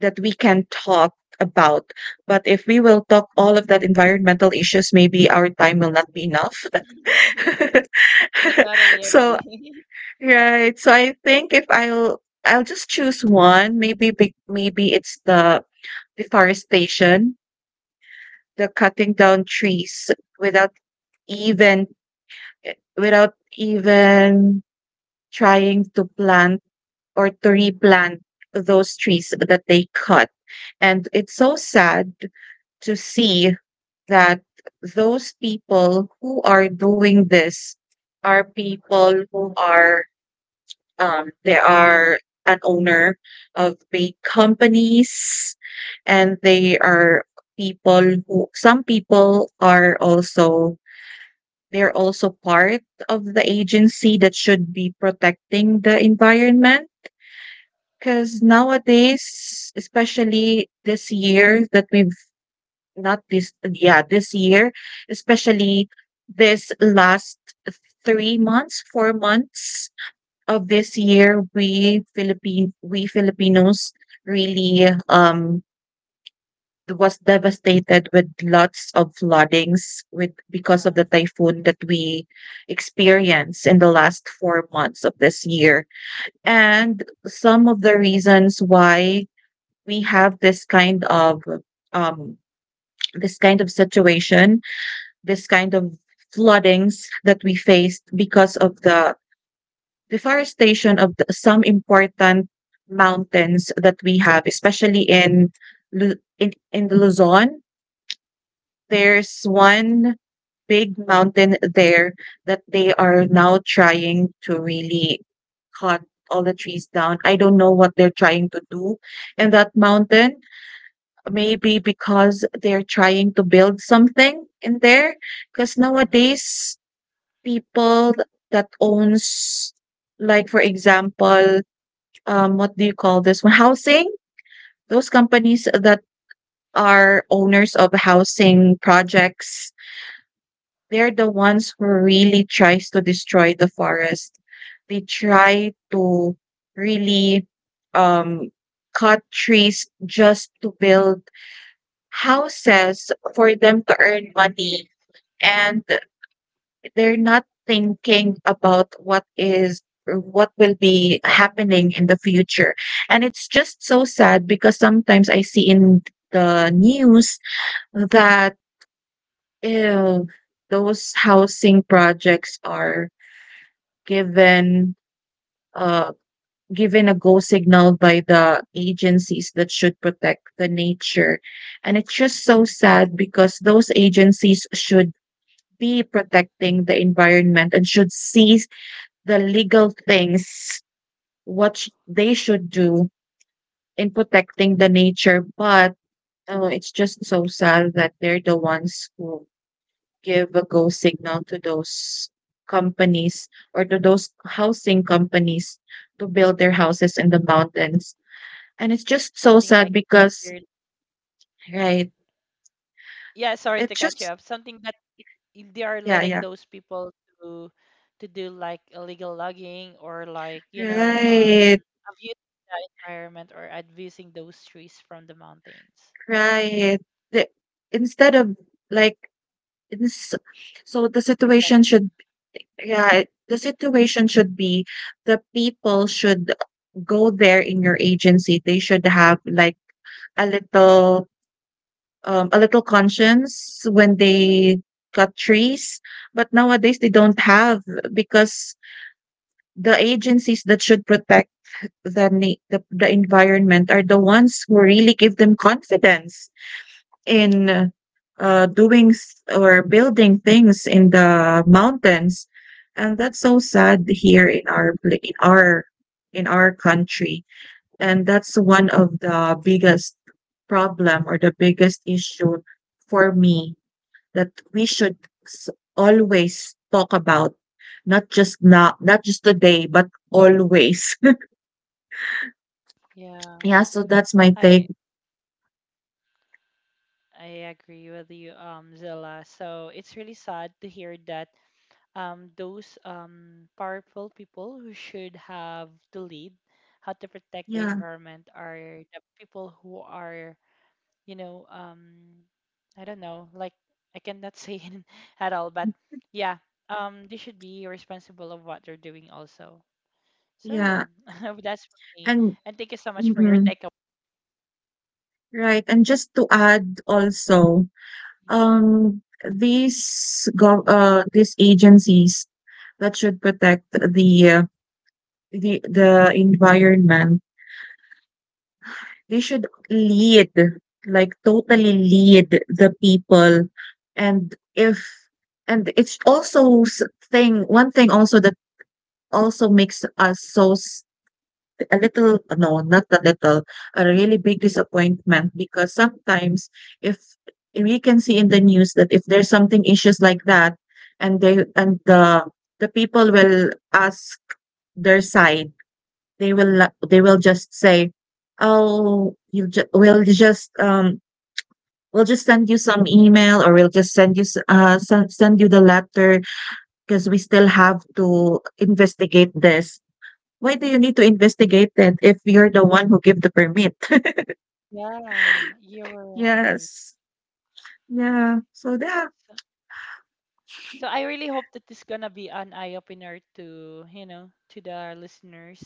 Speaker 2: that we can talk about, but if we will talk all of that environmental issues, maybe our time will not be enough.
Speaker 1: I totally
Speaker 2: So.
Speaker 1: agree.
Speaker 2: Right. So I think if I'll just choose one, maybe big, maybe it's the deforestation, the cutting down trees without even without even trying to plant or to replant those trees that they cut. And it's so sad to see that those people who are doing this are people who are, um, they are an owner of big companies and they are people who some people are also they're also part of the agency that should be protecting the environment because nowadays especially this year that we've not this yeah this year especially this last 3 months 4 months of this year, we Philippine we Filipinos really was devastated with lots of floodings with because of the
Speaker 1: Uh,
Speaker 2: typhoon that we experienced in the last 4 months of this year. And some of the reasons why we have um this kind of situation, this kind of floodings that we faced because of the deforestation of the, some important mountains that we have, especially in in Luzon. There's one big mountain there that they are now trying to really cut all the trees down. I don't know what they're trying to do in that mountain. Maybe because they're trying to build something in there. Because
Speaker 1: yeah.
Speaker 2: nowadays, people that owns, like for example, what do you call this one? Housing. Those companies that are owners of housing projects, they're the ones who really tries to destroy the forest. They try to really um, cut trees just to build houses for
Speaker 1: Mhm.
Speaker 2: them to earn money. And they're not thinking about what is or what will be happening in the future. And it's just so sad because sometimes I see in the news that ew, those housing projects are given uh given a go signal by the agencies that should protect the nature. And it's just
Speaker 1: Mhm.
Speaker 2: so sad because those agencies should be protecting the environment and should see the legal things, they should do in protecting the nature. But oh, it's just so sad that they're the ones who give a go signal to those
Speaker 1: Oh.
Speaker 2: companies or to those housing companies to build their houses in the mountains. And it's just so
Speaker 1: Something like
Speaker 2: sad because,
Speaker 1: they're.
Speaker 2: right,
Speaker 1: Mhm. Yeah, sorry
Speaker 2: it
Speaker 1: to catch
Speaker 2: just,
Speaker 1: you up. Something that they are
Speaker 2: yeah, yeah,
Speaker 1: letting those people to to do like illegal logging, or like,
Speaker 2: right,
Speaker 1: abuse the environment or abusing those trees from the mountains.
Speaker 2: right. The, instead of like, ins- so the situation
Speaker 1: Protecting.
Speaker 2: should. Yeah, the situation should be the people should go there in your agency. They should have like a little a little conscience when they cut trees. But nowadays they don't have because the agencies that should protect the environment are the ones who really give them confidence in or building things in the mountains, and that's so sad here in our in our country, and that's one of the biggest problem or the biggest issue for me that we should s- always talk about, not just now, not just today, but always.
Speaker 1: Yeah.
Speaker 2: Yeah, so that's my take.
Speaker 1: I I agree with you, Zilla. So it's really sad to hear that those powerful people who should have the lead how to protect the
Speaker 2: Yeah,
Speaker 1: environment are the people who are, you know um, I don't know, like, I cannot say it at all, but yeah, they should be responsible of what they're doing also. So
Speaker 2: yeah,
Speaker 1: yeah, that's for me,
Speaker 2: and
Speaker 1: and thank you so much for your
Speaker 2: mhm.
Speaker 1: takeaway.
Speaker 2: Right, and just to add also, these gov these agencies that should protect the the environment, they should lead, like totally lead the people. And if, and it's also s- thing one thing also that also makes us so a little no, not a little, a really big disappointment because sometimes if we can see in the news that if there's something issues like that and they and the people will ask their side, they will just say, "Oh, we'll just send you some email or we'll just send you send you the letter because we still have to investigate this." Why do you need to investigate it if you're the one who give the permit?
Speaker 1: Yeah, you're right.
Speaker 2: Yes. Yeah. So that,
Speaker 1: So I really hope that this gonna be an eye opener to, you know, to the listeners,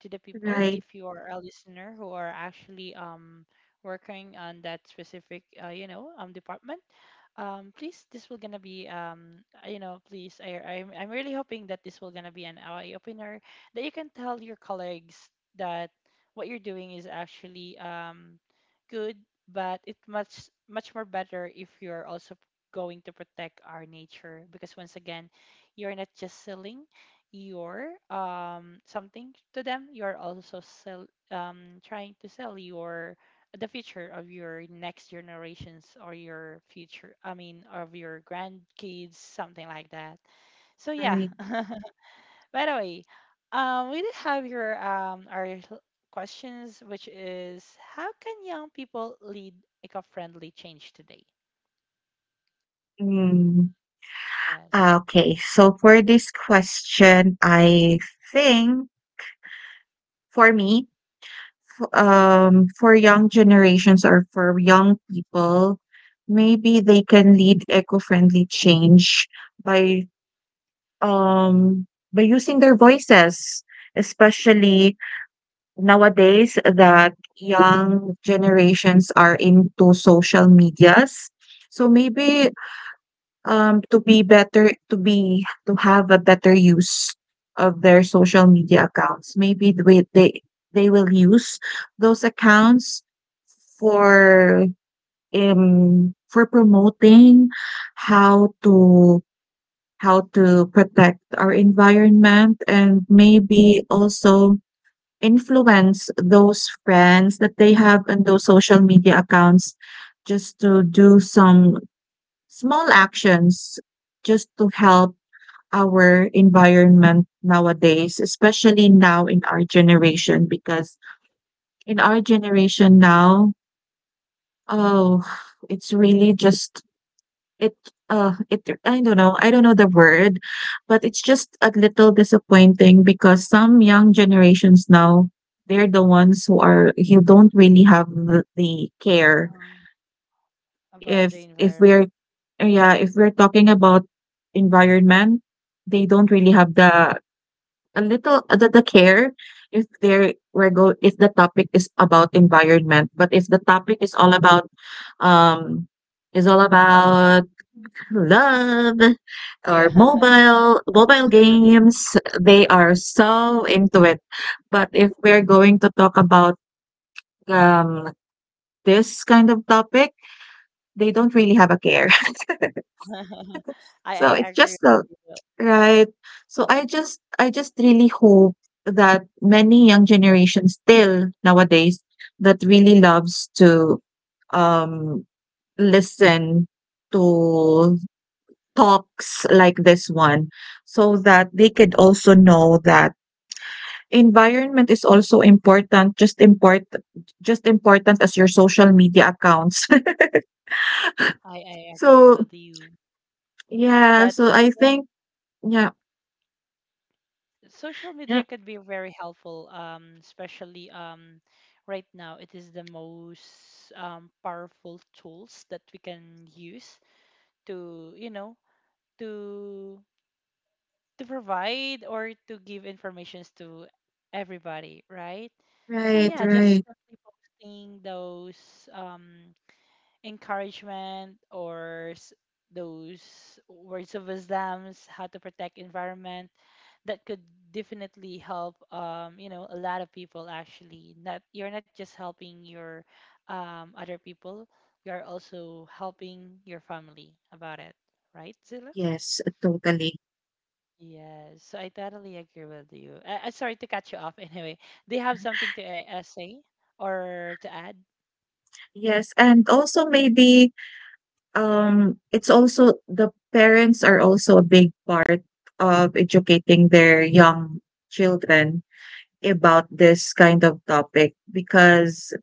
Speaker 1: to the people.
Speaker 2: right,
Speaker 1: If you are a listener who are actually working on that specific department, please, this will gonna be please, I'm really hoping that this will gonna be an eye opener that you can tell your colleagues that what you're doing is actually good, but it much much more better if you're also going to protect our nature. Because once again, you're not just selling your something to them, you're also sell trying to sell your, the future of your next generations, or your future, I mean, of your grandkids, something like that. So yeah.
Speaker 2: right.
Speaker 1: By the way, we did have your our l- questions, which is, how can young people lead eco-friendly change today?
Speaker 2: Mm.
Speaker 1: Yes.
Speaker 2: Ah, okay. So for this question, I think for me, for young generations or for young people, maybe they can lead eco-friendly change by um by using their voices, especially nowadays that young generations are into social medias. So maybe to be better to be to have a better use of their social media accounts, maybe they they will use those accounts for for promoting how to how to protect our environment and maybe also influence those friends that they have in those social media accounts just to do some small actions just to help our environment nowadays, especially now in our generation, because in our generation now, oh, it's really just it it I don't know. I don't know the word, but it's just a little disappointing because some young generations now, they're the ones who are who don't really have the care.
Speaker 1: Mhm. About
Speaker 2: If
Speaker 1: the
Speaker 2: if
Speaker 1: environment.
Speaker 2: we're yeah, if we're talking about environment, they don't really have the a little the care if there we're go if the topic is about environment. But if the topic um is all
Speaker 1: Love.
Speaker 2: about love or
Speaker 1: Yeah.
Speaker 2: mobile games they are so into it but if we're going to talk
Speaker 1: I
Speaker 2: about
Speaker 1: agree.
Speaker 2: um, this kind of topic they don't really have a care. So
Speaker 1: I
Speaker 2: it's
Speaker 1: agree
Speaker 2: just the
Speaker 1: with you.
Speaker 2: right so I just really hope that many young generations still nowadays that really loves to um listen to talks like this one so that they could also know that environment is also important, just important as your social media accounts.
Speaker 1: I agree
Speaker 2: So,
Speaker 1: with you
Speaker 2: yeah,
Speaker 1: that
Speaker 2: so I
Speaker 1: yeah,
Speaker 2: think yeah,
Speaker 1: social
Speaker 2: yeah,
Speaker 1: media could be very helpful. Especially right now it is the most powerful tools that we can use to, to to provide or to give informations to everybody, right? So
Speaker 2: right,
Speaker 1: yeah, just
Speaker 2: right.
Speaker 1: simply posting those um, encouragement or those words of wisdoms, how to protect environment, that could definitely help, a lot of people actually. Not, you're not just helping your other people, you're also helping your family about it, right, Zilla?
Speaker 2: Yes, totally.
Speaker 1: Yes, so I totally agree with you. Sorry to cut you off anyway. They have something to say or to add?
Speaker 2: Yes, and also maybe it's also the parents are also a big part of educating their young children about this kind of topic because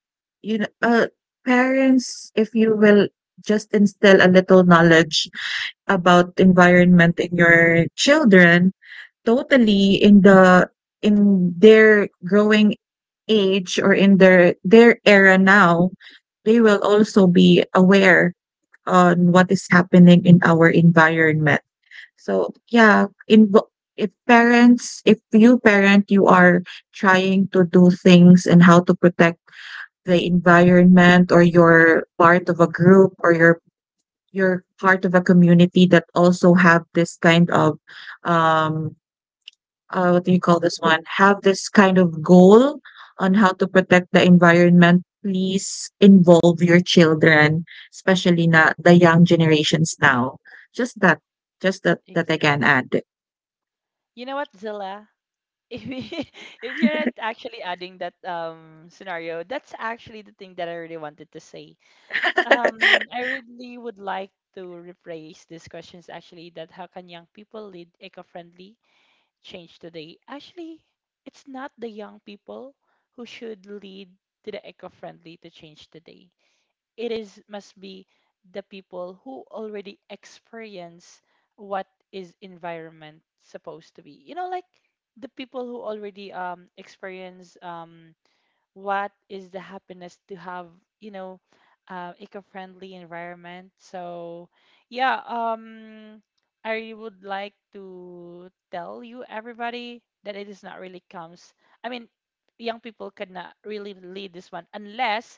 Speaker 2: you know parents if you will just instill a little knowledge about environment in your children totally in the in their growing age or in their era now they will also be aware on what is happening in our environment so yeah, in if parents, if you parent, you are trying to do things and how to protect the environment or you're part of a group or you're part of a community that also have this kind of um what do you call this one? Have this kind of goal on how to protect the environment. Please involve your children, especially na the young generations now. Just that, just that that I can
Speaker 1: Exactly.
Speaker 2: add.
Speaker 1: You know what, Zilla? If you- if you're not actually adding that scenario, that's actually the thing that I really wanted to say. Um, I really would like to rephrase these questions actually, that how can young people lead eco-friendly change today. Actually, it's not the young people who should lead to the eco-friendly to change today. It is must be the people who already experience what is environment supposed to be. You know, like the people who already experience what is the happiness to have you know eco-friendly environment. So yeah um i would like to tell you everybody that it is not really comes I mean, young people cannot really lead this one unless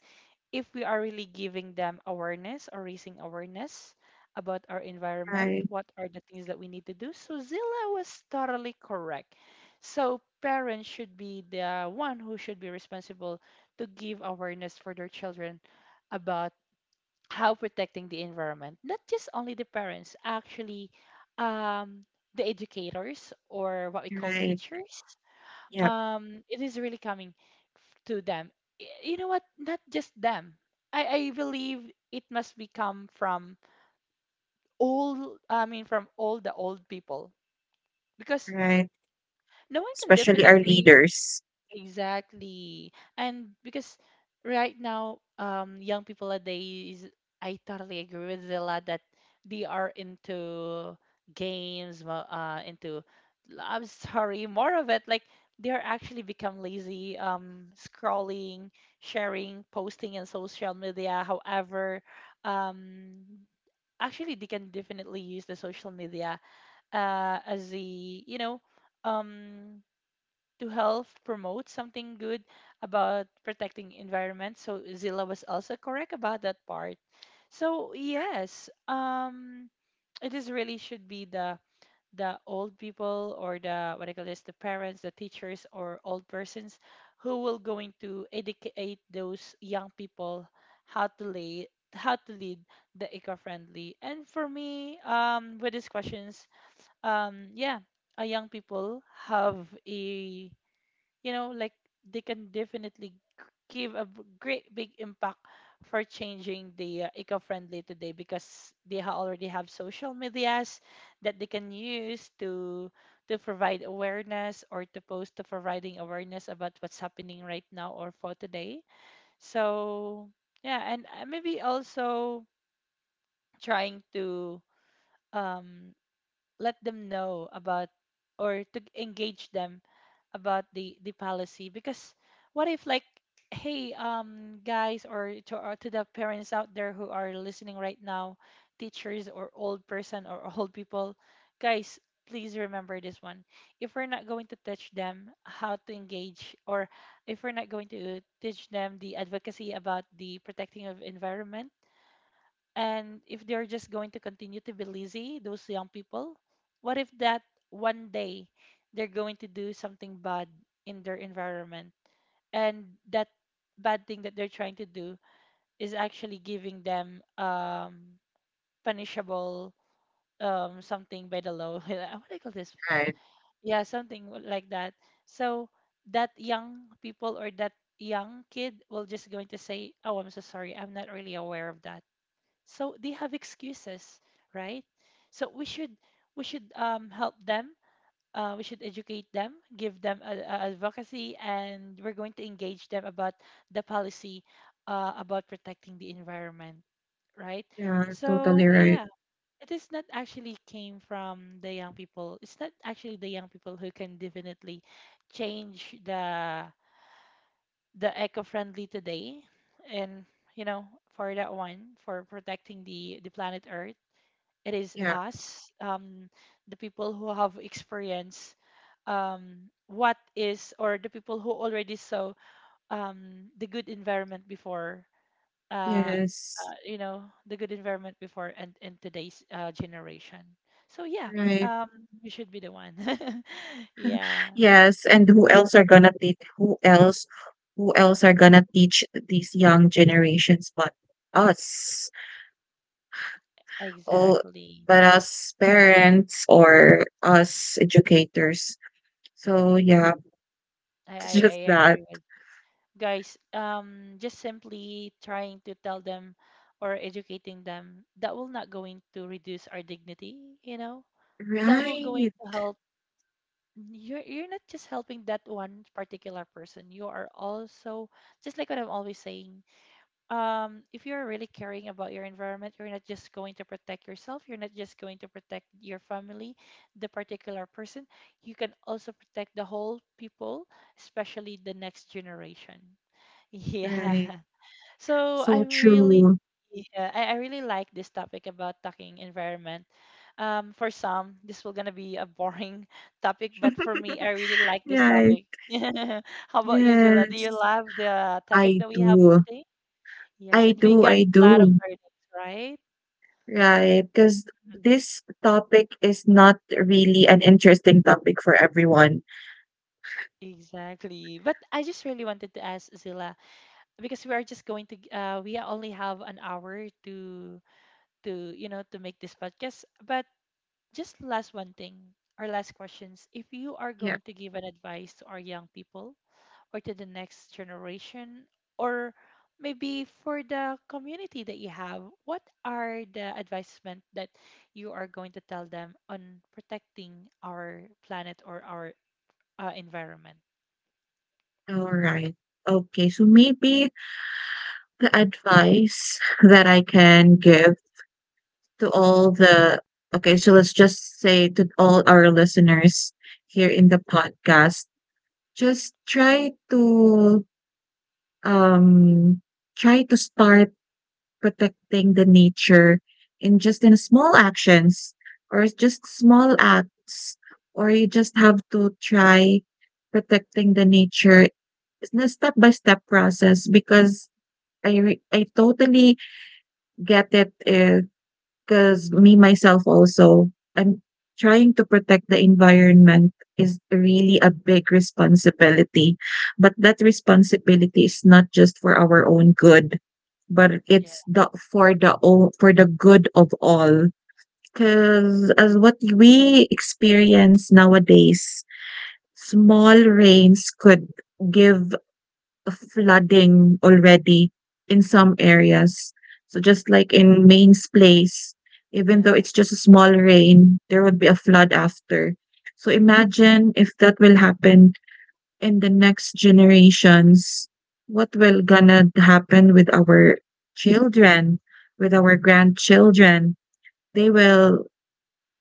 Speaker 1: if we are really giving them awareness or raising awareness about our environment.
Speaker 2: Right,
Speaker 1: What are the things that we need to do? So Zilla was totally correct. So parents should be the one who should be responsible to give awareness for their children about how protecting the environment. Not just only the parents, actually, um, the educators or what we call
Speaker 2: right.
Speaker 1: teachers,
Speaker 2: Yep,
Speaker 1: it is really coming to them. You know what, not just them. I believe it must be come from all. I mean, from all the old people, because
Speaker 2: right.
Speaker 1: no one can
Speaker 2: Especially our
Speaker 1: definitely.
Speaker 2: leaders.
Speaker 1: Exactly. And because right now, young people nowadays, I totally agree with Zilla that they are into games, into, I'm sorry, more of it. Like they are actually become lazy, scrolling, sharing, posting in social media. However, um, actually they can definitely use the social media, as a, um, to help promote something good about protecting environment. So Zilla was also correct about that part. So yes, it is really should be the old people, or the what I call this, the parents, the teachers, or old persons who will going to educate those young people how to lay, how to lead the eco-friendly. And for me, with these questions, um, yeah, young people have a, you know, like, they can definitely give a great big impact for changing the eco-friendly today, because they already have social medias that they can use to provide awareness, or to post, to providing awareness about what's happening right now or for today. So yeah, and maybe also trying to, um let them know about, or to engage them about the policy. Because what if, like, hey, guys, or to, or to the parents out there who are listening right now, teachers or old person or old people, guys, please remember this one. If we're not going to teach them how to engage, or if we're not going to teach them the advocacy about the protecting of environment, and if they're just going to continue to be lazy, those young people, what if that one day they're going to do something bad in their environment? And that bad thing that they're trying to do is actually giving them, punishable, something by the law. What do you call this one?
Speaker 2: Right.
Speaker 1: Yeah, something like that. So that young people, or that young kid, will just going to say, "Oh, I'm so sorry. I'm not really aware of that." So they have excuses, right? So we should, help them. We should educate them, give them a advocacy, and we're going to engage them about the policy, about protecting the environment, right?
Speaker 2: Yeah,
Speaker 1: So
Speaker 2: totally
Speaker 1: yeah,
Speaker 2: right.
Speaker 1: it is not actually came from the young people. It's not actually the young people who can definitely change the eco-friendly today. And, you know, for that one, for protecting the planet Earth, it is
Speaker 2: Yeah.
Speaker 1: us, the people who have experienced, what is, or the people who already saw, the good environment before, uh,
Speaker 2: Yes.
Speaker 1: you know, the good environment before, and in today's generation. So, yeah,
Speaker 2: Right.
Speaker 1: um, we should be the one. Yeah,
Speaker 2: Yes, and who else are gonna teach these young generations but us? Oh,
Speaker 1: exactly.
Speaker 2: but us parents or us educators. So yeah,
Speaker 1: I, I,
Speaker 2: it's
Speaker 1: I
Speaker 2: just that.
Speaker 1: agree with guys. Just simply trying to tell them or educating them, that will not going to reduce our dignity, you know. That will going
Speaker 2: Right,
Speaker 1: to help. You're not just helping that one particular person, you are also, just like what I'm always saying, if you're really caring about your environment, you're not just going to protect yourself, you're not just going to protect your family, the particular person, you can also protect the whole people, especially the next generation. Yeah.
Speaker 2: right.
Speaker 1: So I
Speaker 2: So
Speaker 1: really,
Speaker 2: true.
Speaker 1: yeah, I really like this topic about talking environment. For some, this will gonna be a boring topic, but for me, I really like this
Speaker 2: Right.
Speaker 1: topic. How about you, Zilla? Do you
Speaker 2: Yes.
Speaker 1: love the topic
Speaker 2: I
Speaker 1: that we have
Speaker 2: do.
Speaker 1: today? Yes,
Speaker 2: I
Speaker 1: and we
Speaker 2: do,
Speaker 1: got
Speaker 2: I
Speaker 1: a lot of
Speaker 2: do.
Speaker 1: learnings, right?
Speaker 2: Right? Because
Speaker 1: Mhm.
Speaker 2: this topic is not really an interesting topic for everyone.
Speaker 1: Exactly. But I just really wanted to ask Zilla, because we are just going to we only have an hour to, you know, to make this podcast, but just last one thing, or last questions. If you are
Speaker 2: Yeah.
Speaker 1: going to give an advice to our young people, or to the next generation, or maybe for the community that you have, what are the advisement that you are going to tell them on protecting our planet or our, environment?
Speaker 2: Alright. Okay, so maybe the advice that I can give to all the okay, so let's just say to all our listeners here in the podcast, just try to um try to start protecting the nature in just in small actions or just small acts or you just have to try protecting the nature in a step by step process because I totally get it if because me, myself, also, I'm trying to protect the environment is really a big responsibility. But that responsibility is not just for our own good, but
Speaker 1: Yeah.
Speaker 2: it's the for the good of all. Because as what we experience nowadays, small rains could give flooding already in some areas. So just like in Maine's place, even though
Speaker 1: Yeah.
Speaker 2: it's just a small rain, there would be a flood after. So imagine if that will happen in the next generations, what will gonna happen with our children, with our grandchildren? They will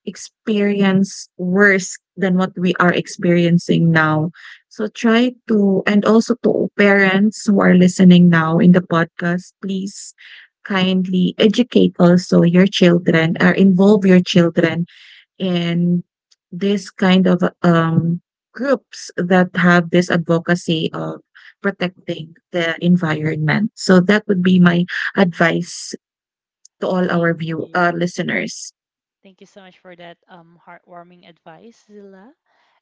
Speaker 2: experience worse than what we are experiencing now. So try to, and also to parents who are listening now in the podcast, please kindly educate also your children or involve your children in this kind of groups that have this advocacy of protecting the environment. So that would be my advice to all our
Speaker 1: Thank
Speaker 2: view
Speaker 1: you.
Speaker 2: listeners.
Speaker 1: Thank you so much for that heartwarming advice, Zilla.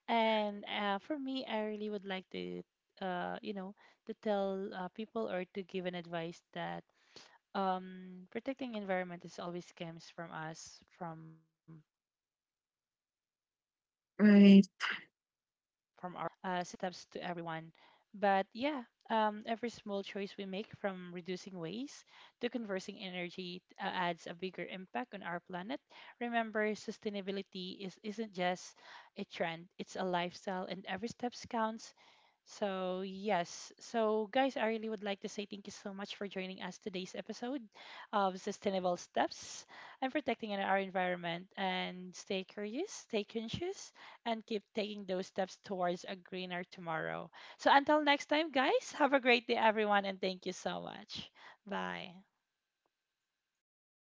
Speaker 1: And for me, I really would like to, you know, to tell people, or to give an advice that, protecting environment is always comes from us, from ourselves, you know, and this will gonna be
Speaker 2: Right.
Speaker 1: like sustainable steps to everyone. But yeah, every small choice we make, from reducing waste to conversing energy, adds a bigger impact on our planet. Remember, sustainability is isn't just a trend, it's a lifestyle, and every steps counts. So, yes. So, guys, I really would like to say thank you so much for joining us today's episode of Sustainable Steps and protecting our environment. And stay curious, stay conscious, and keep taking those steps towards a greener tomorrow. So, until next time, guys, have a great day, everyone, and thank you so much. Bye.